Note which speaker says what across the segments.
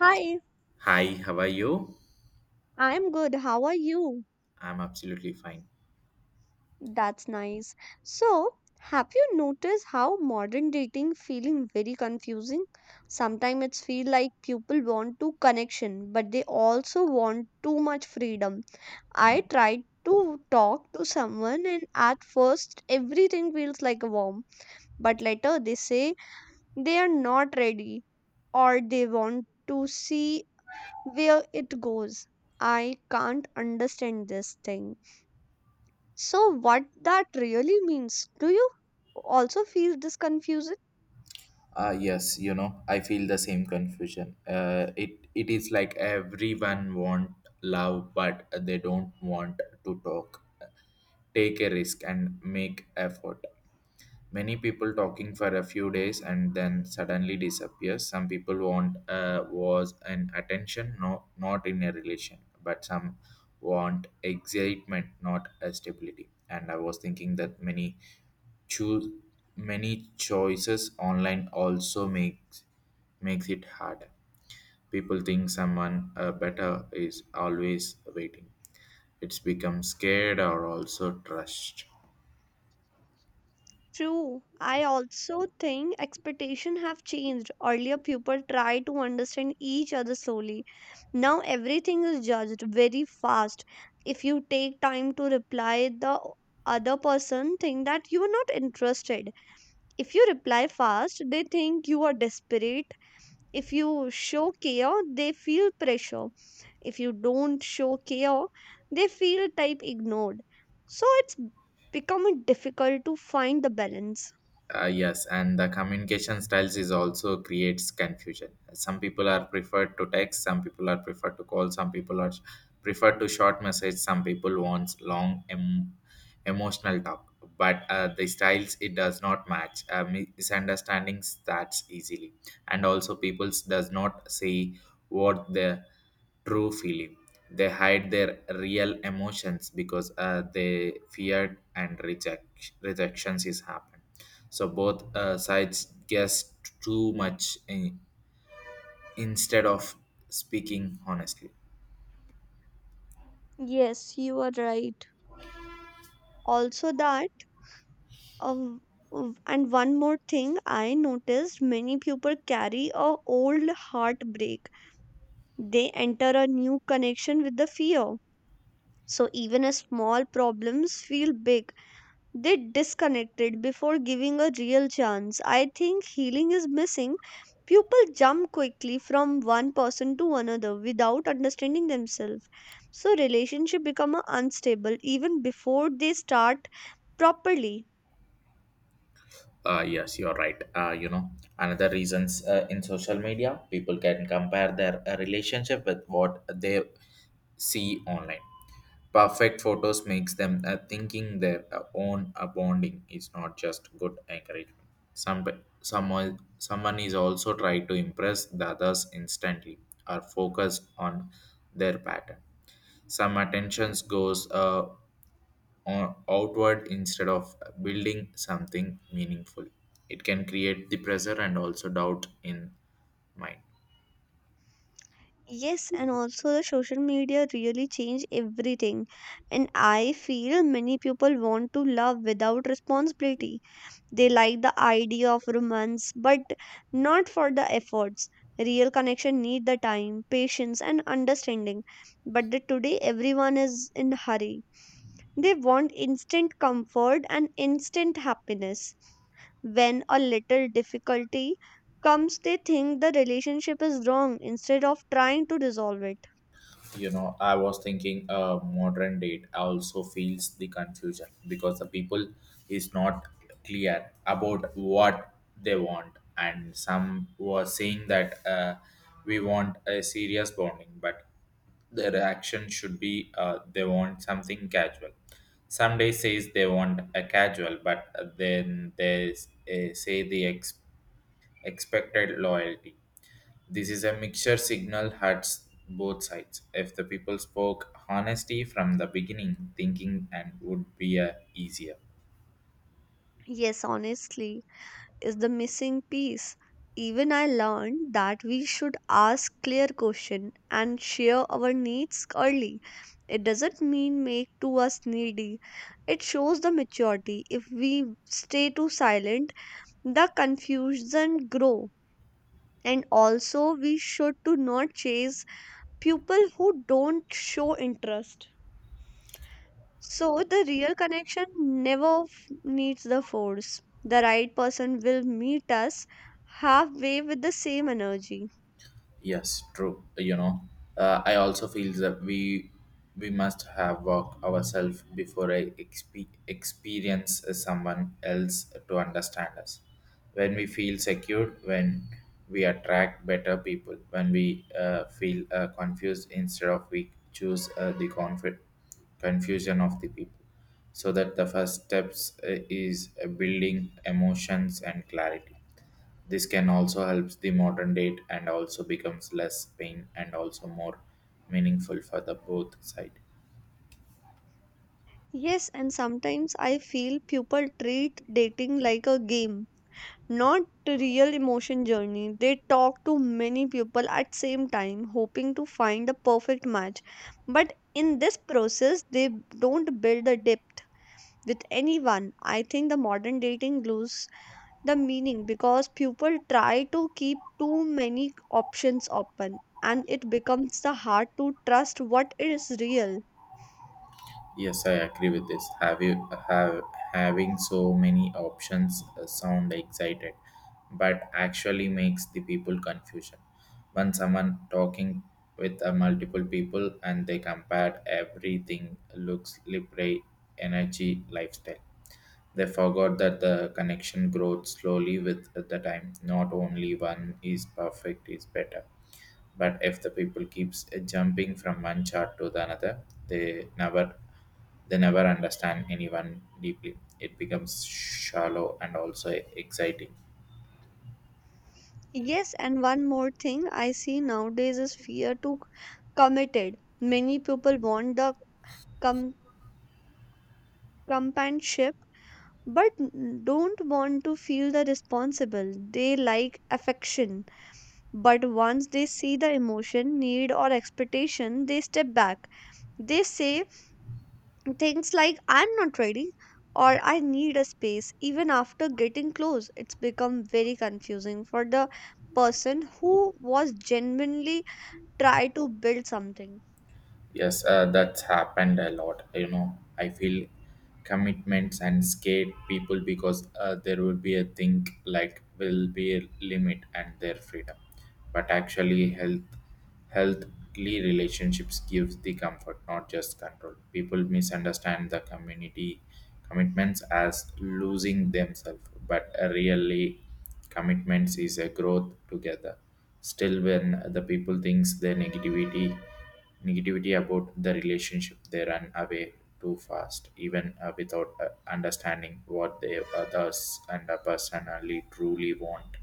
Speaker 1: Hi,
Speaker 2: Hi, how are you?
Speaker 1: I'm good. How are you?
Speaker 2: I'm absolutely fine.
Speaker 1: That's nice. So, have you noticed how modern dating feeling very confusing? Sometimes it's feel like people want to connection, but they also want too much freedom. I tried to talk to someone and at first everything feels like a warm, but later they say they are not ready or they want to see where it goes. I can't understand this thing. So, what that really means, do you also feel this confusion?
Speaker 2: Ah, yes, you know, I feel the same confusion. It is like everyone want love, but they don't want to talk, take a risk, and make effort. Many people talking for a few days and then suddenly disappears. Some people want was an attention, no, not in a relation, but some want excitement not a stability. And I was thinking that choose many choices online also makes it hard. People think someone better is always waiting. It's become scared or also trust.
Speaker 1: True. I also think expectations have changed. Earlier, people tried to understand each other slowly. Now, everything is judged very fast. If you take time to reply, the other person think that you are not interested. If you reply fast, they think you are desperate, if you show care they feel pressure, if you don't show care they feel type ignored, so it's becoming difficult to find the balance.
Speaker 2: Yes, and the communication styles is also creates confusion. Some people are preferred to text, some people are preferred to call, some people are preferred to short message, some people wants long emotional talk. But the styles it does not match. Misunderstandings starts easily, and also peoples does not see what their true feeling. They hide their real emotions because they feared and rejections is happen. So both sides guess too much in, instead of speaking honestly.
Speaker 1: Yes, you are right. Also that uh, and one more thing I noticed, many people carry a old heartbreak, they enter a new connection with the fear, so even a small problems feel big. They disconnected before giving a real chance. I think healing is missing. People jump quickly from one person to another without understanding themselves. So relationship become a unstable even before they start properly.
Speaker 2: Yes, you're right. You know, another reasons, in social media people can compare their relationship with what they see online. Perfect photos makes them thinking their own bonding is not just good encouragement. Some someone is also try to impress the others instantly or focus on their pattern. Some attentions goes on, outward instead of building something meaningful. It can create the pressure and also doubt in mind.
Speaker 1: Yes, and also the social media really changed everything. And I feel many people want to love without responsibility. They like the idea of romance, but not for the efforts. Real connection need the time, patience, and understanding. But the today everyone is in hurry. They want instant comfort and instant happiness. When a little difficulty comes, they think the relationship is wrong instead of trying to resolve it.
Speaker 2: You know, I was thinking modern date also feels the confusion because the people is not clear about what they want, and some were saying that we want a serious bonding, but the reaction should be, they want something casual. Some day says they want a casual, but then they say the expected loyalty. This is a mixture signal hurts both sides. If the people spoke honesty from the beginning, thinking and would be easier.
Speaker 1: Yes, honestly. Is the missing piece. Even I learned that we should ask clear questions and share our needs early. It doesn't mean make to us needy. It shows the maturity. If we stay too silent, the confusion grow. And also we should to not chase people who don't show interest. So the real connection never needs the force. The right person will meet us halfway with the same energy.
Speaker 2: Yes, true. You know, I also feel that we must have walk ourselves before I experience someone else to understand us. When we feel secure, when we attract better people, when we feel confused instead of we choose the confusion of the people. So that the first steps is building emotions and clarity. This can also helps the modern date and also becomes less pain and also more meaningful for the both side.
Speaker 1: Yes, and sometimes I feel people treat dating like a game, not a real emotion journey. They talk to many people at same time hoping to find the perfect match. But in this process they don't build the depth with anyone. I think the modern dating lose the meaning because people try to keep too many options open and it becomes the hard to trust what is real.
Speaker 2: Yes, I agree with this. Have you have having so many options sound excited, but actually makes the people confusion. When someone talking with multiple people and they compared everything looks libre, energy, lifestyle. They forgot that the connection grows slowly with the time. Not only one is perfect is better, but if the people keeps jumping from one chart to the another, they never they never understand anyone deeply. It becomes shallow and also exciting.
Speaker 1: Yes, and one more thing I see nowadays is fear to committed. Many people want the com- companionship, but don't want to feel the responsible. They like affection, but once they see the emotion need or expectation they step back. They say things like I'm not ready or I need a space even after getting close. It's become very confusing for the person who was genuinely try to build something.
Speaker 2: Yes, that's happened a lot. You know, I feel commitments and scared people because there will be a thing like will be a limit and their freedom. But actually, healthly relationships gives the comfort, not just control. People misunderstand the community commitments as losing themselves, but really, commitments is a growth together. Still, when the people thinks their negativity about the relationship, they run away too fast even without understanding what the others and the personally truly want.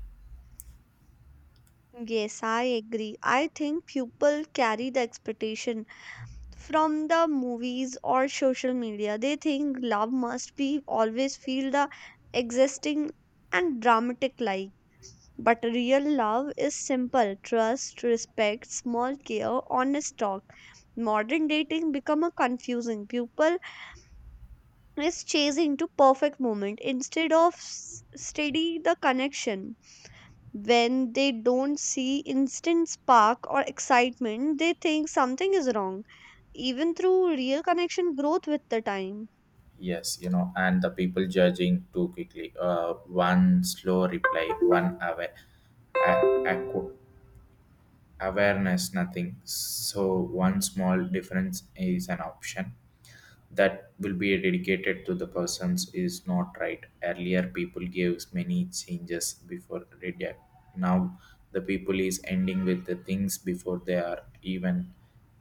Speaker 1: Yes, I agree. I think people carry the expectation from the movies or social media. They think love must be always feel the existing and dramatic like. But real love is simple trust, respect, small care, honest talk. Modern dating become a confusing. People is chasing to perfect moment instead of steady the connection. When they don't see instant spark or excitement, they think something is wrong. Even through real connection growth with the time.
Speaker 2: Yes, you know, and the people judging too quickly, one slow reply, one aware, a- aqu- awareness nothing. So one small difference is an option that will be dedicated to the persons is not right. Earlier, people gave many changes before reject. Now, the people is ending with the things before they are even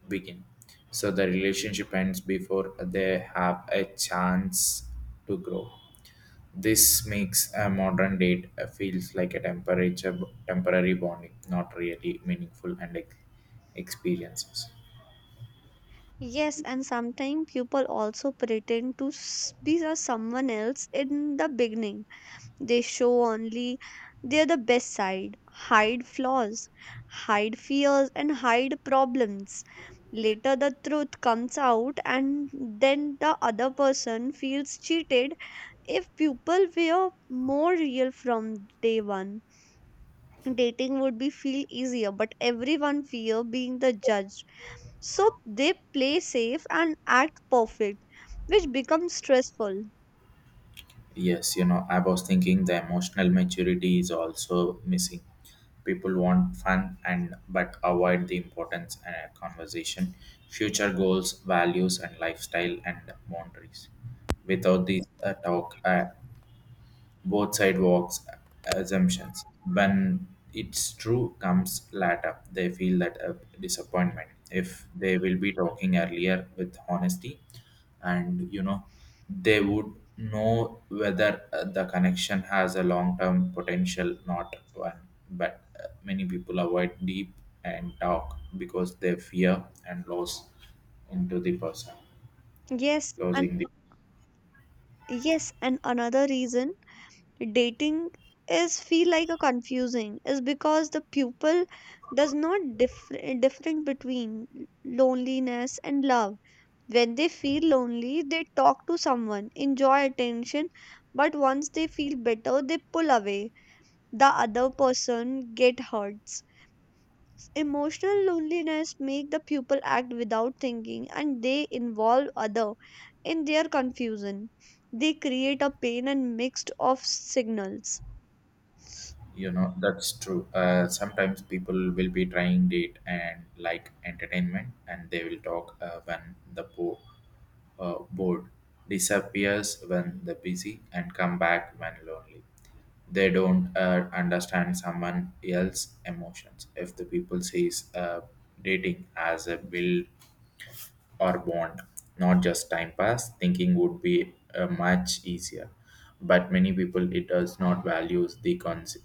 Speaker 2: begin. So the relationship ends before they have a chance to grow. This makes a modern date feels like a temperature temporary bonding, not really meaningful and experiences.
Speaker 1: Yes, and sometimes people also pretend to be a someone else in the beginning. They show only they're the best side, hide flaws, hide fears, and hide problems. Later, the truth comes out, and then the other person feels cheated. If people were more real from day one, dating would be feel easier, but everyone fear being the judge. So they play safe and act perfect, which becomes stressful.
Speaker 2: Yes, you know, I was thinking the emotional maturity is also missing. People want fun and but avoid the importance and conversation, future goals, values, and lifestyle and boundaries. Without this talk, both sidewalks assumptions. When it's true comes later, they feel that disappointment. If they will be talking earlier with honesty, and you know, they would know whether the connection has a long term potential, not one. But many people avoid deep and talk because they fear and loss into the person,
Speaker 1: Yes, and
Speaker 2: losing the.
Speaker 1: yes, and another reason dating is feel like a confusing is because the pupil does not different between loneliness and love. When they feel lonely they talk to someone enjoy attention, but once they feel better they pull away, the other person get hurts. Emotional loneliness make the pupil act without thinking and they involve other in their confusion. They create a pain and mixed of signals.
Speaker 2: You know, that's true. Sometimes people will be trying date and like entertainment, and they will talk when the board disappears when the busy and come back when lonely. They don't understand someone else's emotions. If the people sees dating as a build or bond, not just time pass, thinking would be much easier. But many people it does not values the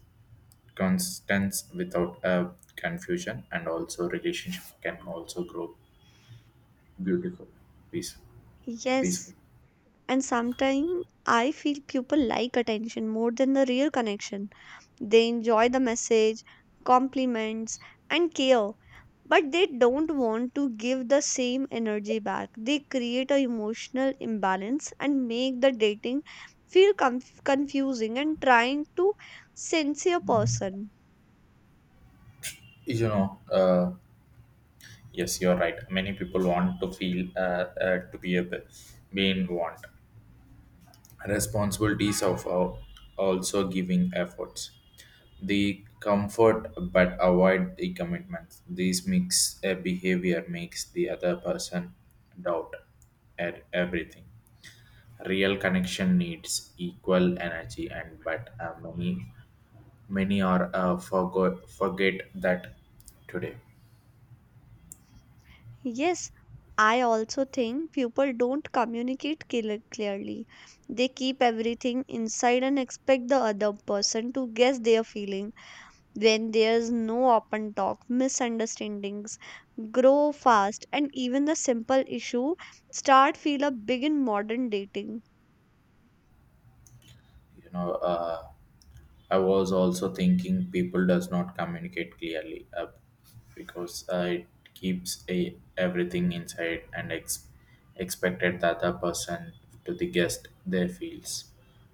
Speaker 2: constants without confusion, and also relationship can also grow beautiful, peaceful, peaceful.
Speaker 1: Yes, and sometimes I feel people like attention more than the real connection. They enjoy the message, compliments, and care, but they don't want to give the same energy back. They create an emotional imbalance and make the dating feel confusing and trying to sincere person.
Speaker 2: You know, yes, you're right. Many people want to feel to be a be in want. Responsibilities of also giving efforts. The comfort but avoid the commitment. This mix a behavior makes the other person doubt at everything. Real connection needs equal energy, and but many are forget that today.
Speaker 1: Yes, I also think people don't communicate clearly. They keep everything inside and expect the other person to guess their feeling. When there's no open talk, misunderstandings grow fast and even the simple issue start feel a big in modern dating.
Speaker 2: You know, I was also thinking people does not communicate clearly because it keeps a, everything inside and expected the other person to the guest their feels.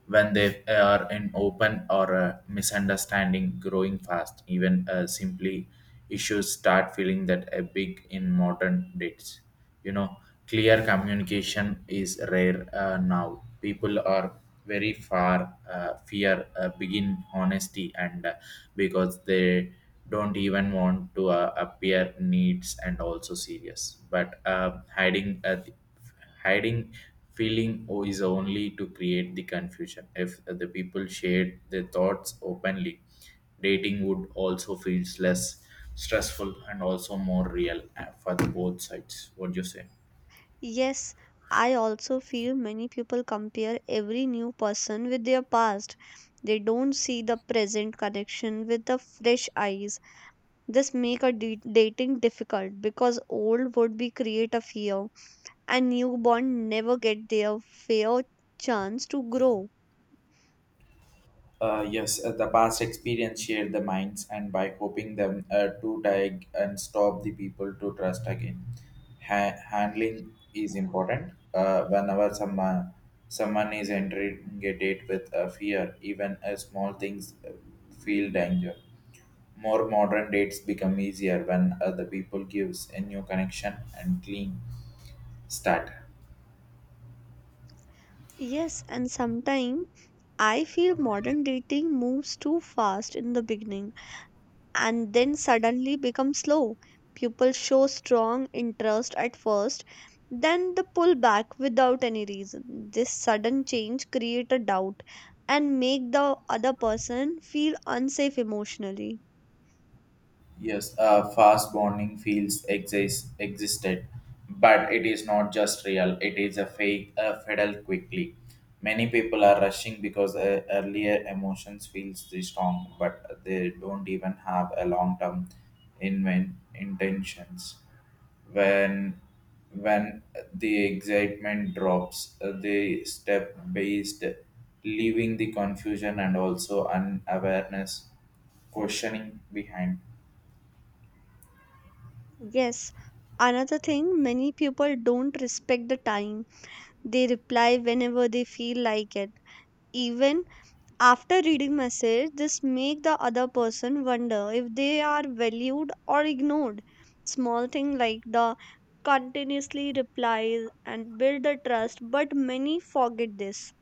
Speaker 2: When they are in open or misunderstanding growing fast, even simply issues start feeling that a big in modern dates. You know, clear communication is rare now. People are very far, fear, begin honesty and because they don't even want to appear needs and also serious. But hiding feeling is only to create the confusion. If the people shared their thoughts openly, dating would also feels less stressful and also more real for the both sides. What do you say?
Speaker 1: Yes, I also feel many people compare every new person with their past. They don't see the present connection with the fresh eyes. This make a dating difficult because old would be create a fear and newborn never get their fair chance to grow.
Speaker 2: Yes, the past experience shared the minds, and by hoping them to tag and stop the people to trust again. Handling is important. Whenever someone is entering a date with a fear, even small things feel danger. More modern dates become easier when other people gives a new connection and clean start.
Speaker 1: Yes, and sometimes I feel modern dating moves too fast in the beginning and then suddenly becomes slow. People show strong interest at first, then the pull back without any reason. This sudden change create a doubt and make the other person feel unsafe emotionally.
Speaker 2: Yes, fast bonding fields existed, but it is not just real. It is a fake, a fiddle quickly. Many people are rushing because earlier emotions feels the strong, but they don't even have a long term in intentions. When when the excitement drops, they step based, leaving the confusion and also unawareness questioning behind.
Speaker 1: Yes, another thing, many people don't respect the time. They reply whenever they feel like it. Even after reading message, this make the other person wonder if they are valued or ignored. Small thing like the continuously replies and build the trust, but many forget this.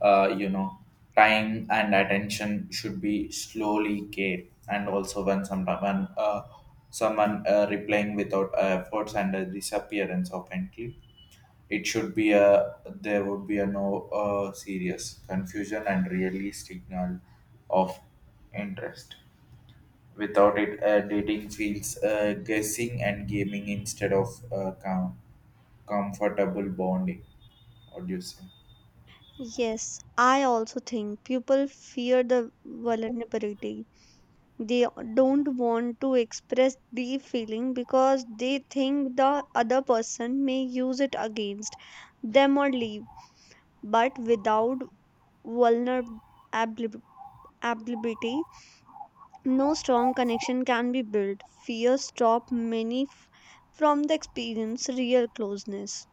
Speaker 2: You know, time and attention should be slowly care, and also when sometime when someone replying without efforts and a disappearance of entry, it should be a there would be a no serious confusion and really signal of interest. Without it, dating feels guessing and gaming instead of comfortable bonding. What do you say?
Speaker 1: Yes, I also think people fear the vulnerability. They don't want to express deep feeling because they think the other person may use it against them or leave. But without vulnerability, no strong connection can be built. Fear stop many from the experience real closeness.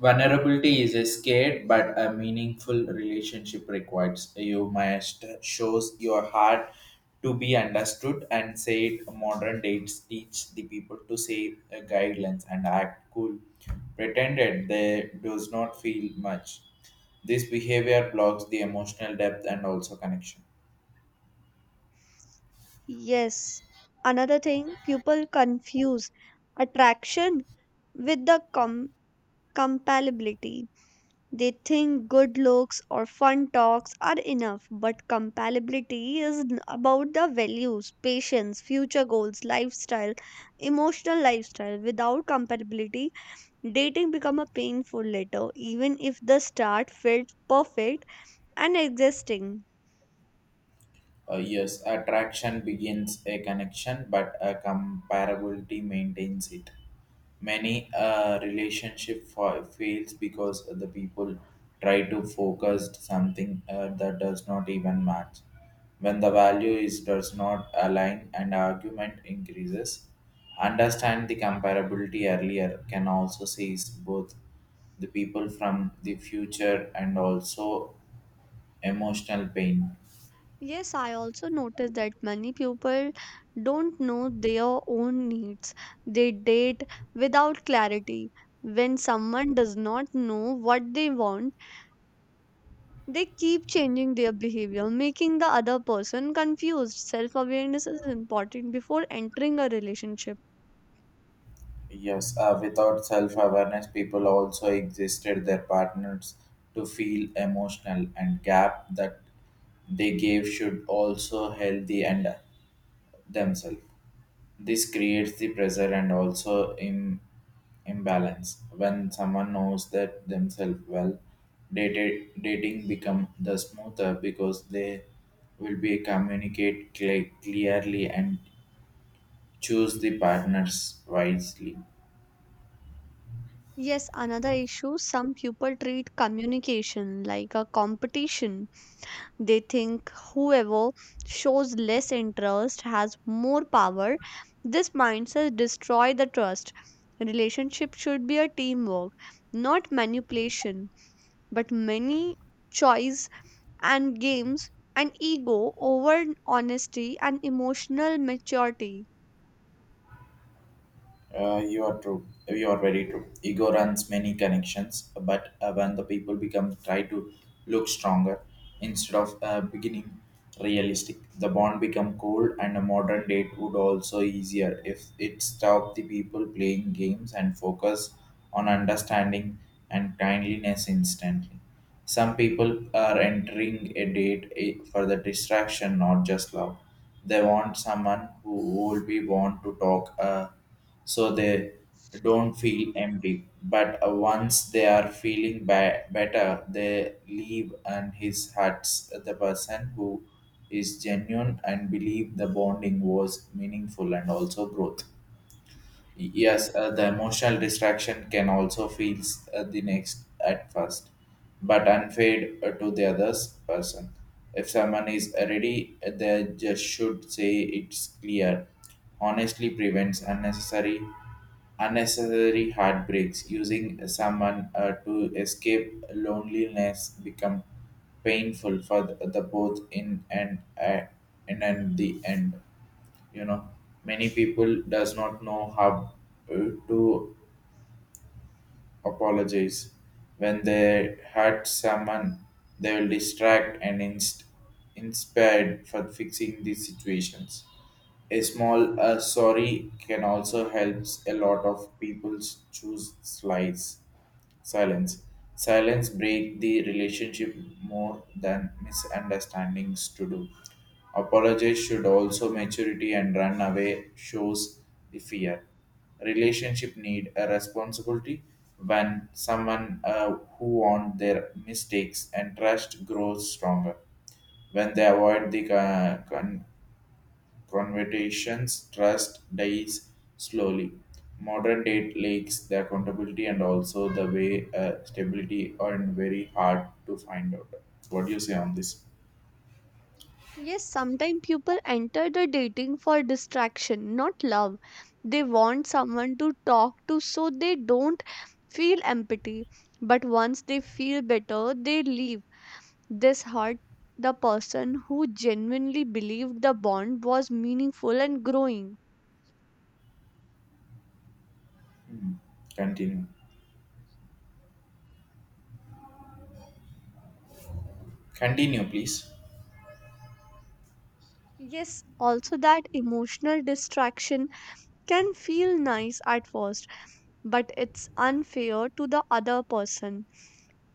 Speaker 2: Vulnerability is a scared, but a meaningful relationship requires. You must shows your heart to be understood and said. Modern dates teach the people to say guidelines and act cool. Pretended they does not feel much. This behavior blocks the emotional depth and also connection.
Speaker 1: Yes. Another thing, people confuse attraction with the compatibility. They think good looks or fun talks are enough, but compatibility is about the values, patience, future goals, lifestyle, emotional lifestyle. Without compatibility, dating become a painful letter, even if the start felt perfect and existing.
Speaker 2: Yes, attraction begins a connection, but a comparability maintains it. Many relationship fails because the people try to focus something that does not even match. When the value is does not align and argument increases, understand the comparability earlier can also seize both the people from the future and also emotional pain.
Speaker 1: Yes, I also noticed that many people don't know their own needs. They date without clarity. When someone does not know what they want, they keep changing their behavior, making the other person confused. Self awareness is important before entering a relationship.
Speaker 2: Yes, without self awareness, people also existed their partners to feel emotional and gap that they gave should also healthy and themselves. This creates the pressure and also imbalance. When someone knows that themselves well, dating become the smoother because they will be communicate clearly and choose the partners wisely.
Speaker 1: Yes, another issue, some people treat communication like a competition. They think whoever shows less interest has more power. This mindset destroys the trust. Relationship should be a teamwork, not manipulation. But many choice and games and ego over honesty and emotional maturity.
Speaker 2: You are true. You are very true. Ego runs many connections, but when the people become try to look stronger instead of beginning realistic, the bond become cold. And a modern date would also easier if it stopped the people playing games and focus on understanding and kindliness instantly. Some people are entering a date for the distraction, not just love. They want someone who will be want to talk. So they don't feel empty. But once they are feeling better, they leave, and his hurts the person who is genuine and believe the bonding was meaningful and also growth. Yes, the emotional distraction can also feel the next at first, but unfair to the other's person. If someone is ready, they just should say it's clear. Honestly prevents unnecessary heartbreaks. Using someone to escape loneliness become painful for the both in and the end you know Many people does not know how uh, to apologize when they hurt someone. They will distract and inspired for fixing these situations. A small sorry can also helps a lot of people choose slides. Silence. Silence break the relationship more than misunderstandings to do. Apologize should also maturity and run away shows the fear. Relationship need a responsibility when someone who want their mistakes and trust grows stronger. When they avoid the conversations trust dies slowly. Modern date lakes the accountability and also the way stability are very hard to find out. What do you say on this?
Speaker 1: Yes, sometimes people enter the dating for distraction, not love. They want someone to talk to so they don't feel empathy. But once they feel better, they leave. This hurt the person who genuinely believed the bond was meaningful and growing.
Speaker 2: Hmm. Continue. Continue, please.
Speaker 1: Yes, also that emotional distraction can feel nice at first but it's unfair to the other person.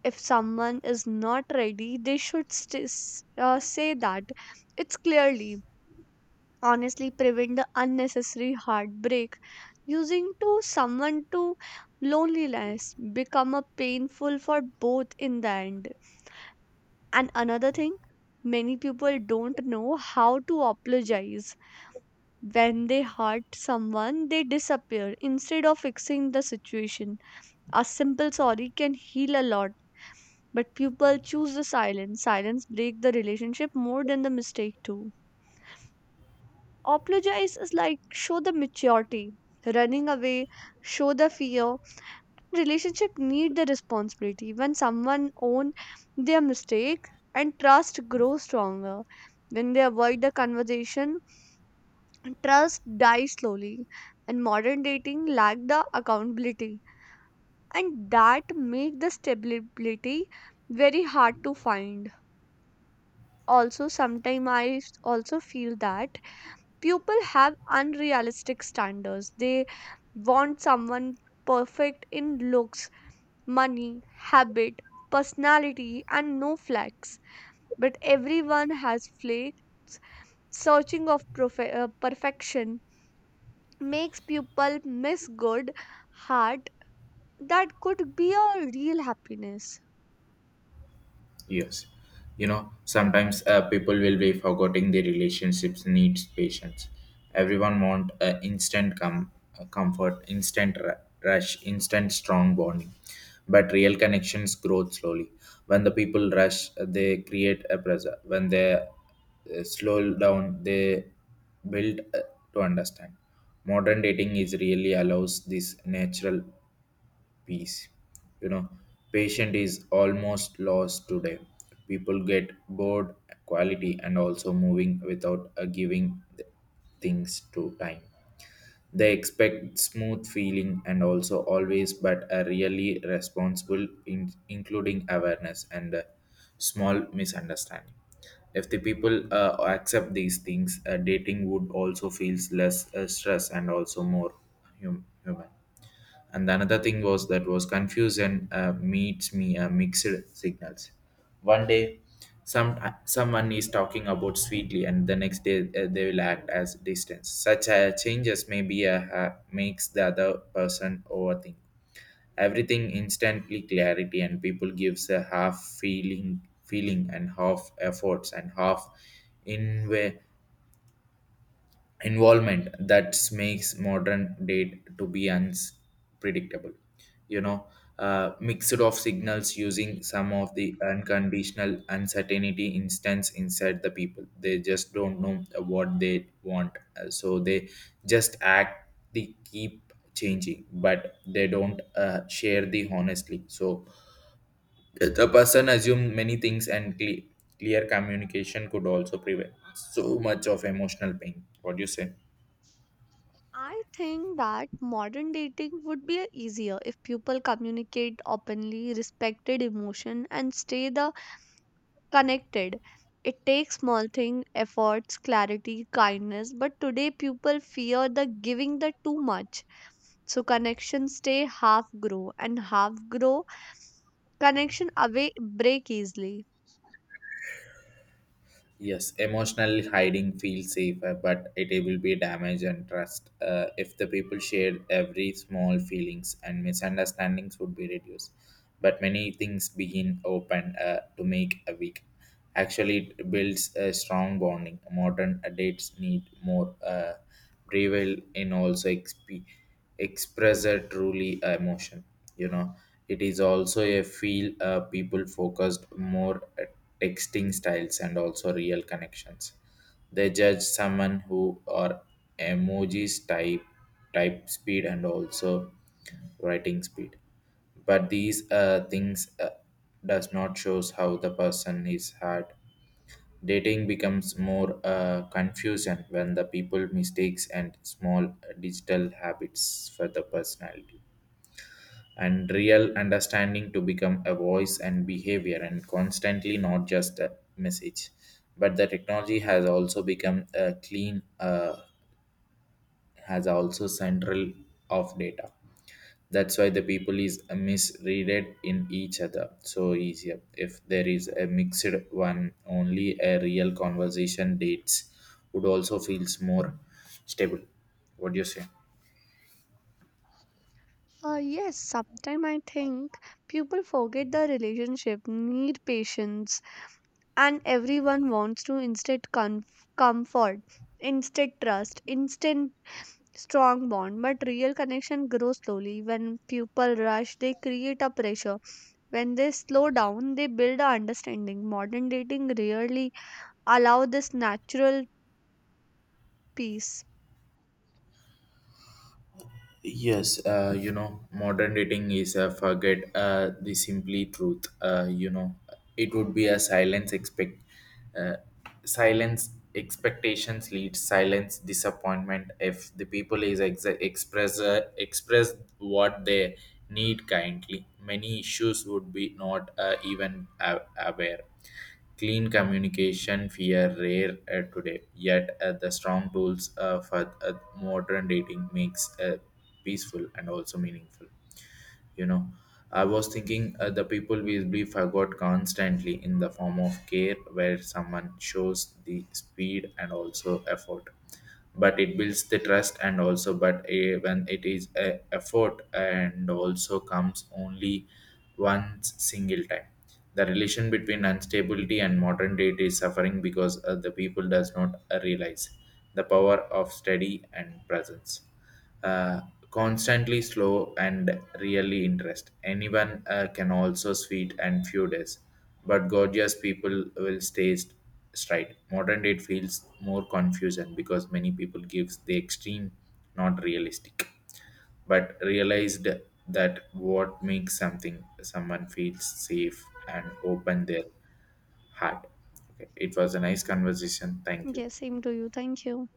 Speaker 1: If someone is not ready, they should say that. It's clearly, honestly, prevent the unnecessary heartbreak. Using to someone to loneliness become a painful for both in the end. And another thing, many people don't know how to apologize. When they hurt someone, they disappear instead of fixing the situation. A simple sorry can heal a lot, but people choose the silence. Silence break the relationship more than the mistake too. Apologize is like show the maturity. Running away, show the fear. Relationship need the responsibility. When someone own their mistake and trust grow stronger. When they avoid the conversation, trust dies slowly. And modern dating lack the accountability and that make the stability very hard to find. Also sometimes I also feel that people have unrealistic standards. They want someone perfect in looks, money, habit, personality, and no flaws, but everyone has flaws. Searching of perfection makes people miss good heart that could be a real happiness.
Speaker 2: Yes. You know, sometimes people will be forgetting the relationships needs patience. Everyone want instant comfort, instant rush, instant strong bonding. But real connections grow slowly. When the people rush, they create a pressure. When they slow down, they build to understand. Modern dating is really allows this natural peace. You know, patient is almost lost today. People get bored, quality, and also moving without giving things to time. They expect smooth feeling and also always, but are really responsible, including awareness and small misunderstanding. If the people accept these things, dating would also feels less stress and also more human. And the another thing was, that was confusion meets me mixed signals. One day someone is talking about sweetly, and the next day they will act as distance. Such changes may be makes the other person overthink everything instantly clarity, and people gives a half feeling and half efforts and half in way involvement that makes modern date to be unpredictable you know Mixed of signals using some of the unconditional uncertainty instance inside the people. They just don't know what they want. So they just act, they keep changing, but they don't share the honestly, so the person assume many things and clear communication could also prevent so much of emotional pain. What do you say?
Speaker 1: I think that modern dating would be easier if people communicate openly, respected emotion, and stay the connected. It takes small thing, efforts, clarity, kindness, but today people fear the giving the too much. So connections stay half grow and half grow connection away break easily.
Speaker 2: Yes, emotional hiding feels safer, but it will be damage and trust. If the people share every small feelings and misunderstandings would be reduced. But many things begin open to make a weak. Actually, it builds a strong bonding. Modern dates need more revel in also XP express a truly emotion you know it is also a feel people focused more at texting styles and also real connections. They judge someone who are emojis type speed and also writing speed, but these things does not shows how the person is hard. Dating becomes more confusion when the people mistakes and small digital habits for the personality, and real understanding to become a voice and behavior and constantly not just a message. But the technology has also become a clean has also central of data. That's why the people is misreaded in each other, so easier if there is a mixed one. Only a real conversation dates would also feels more stable. What do you say?
Speaker 1: Yes, sometimes I think people forget the relationship need patience and everyone wants to instead comfort, instant trust, instant strong bond, but real connection grows slowly. When people rush they create a pressure, when they slow down they build a understanding. Modern dating rarely allow this natural peace.
Speaker 2: Yes, you know, modern dating is a forget the simply truth. You know, it would be a uh, silence expectations leads silence disappointment. If the people is express what they need kindly, many issues would be not even aware. Clean communication fear rare today, yet the strong tools for modern dating makes. Peaceful and also meaningful you know I was thinking the people we forgot constantly in the form of care where someone shows the speed and also effort. But it builds the trust and also, but when it is a effort and also comes only once single time. The relation between instability and modern date is suffering because the people does not realize the power of study and presence, uh, constantly slow and really interest. Anyone can also sweet and few days, but gorgeous people will stay straight. Modern date feels more confusion because many people gives the extreme, not realistic, but realized that what makes something someone feels safe and open their heart. Okay, it was a nice conversation. Thank you.
Speaker 1: Yes, same to you, thank you.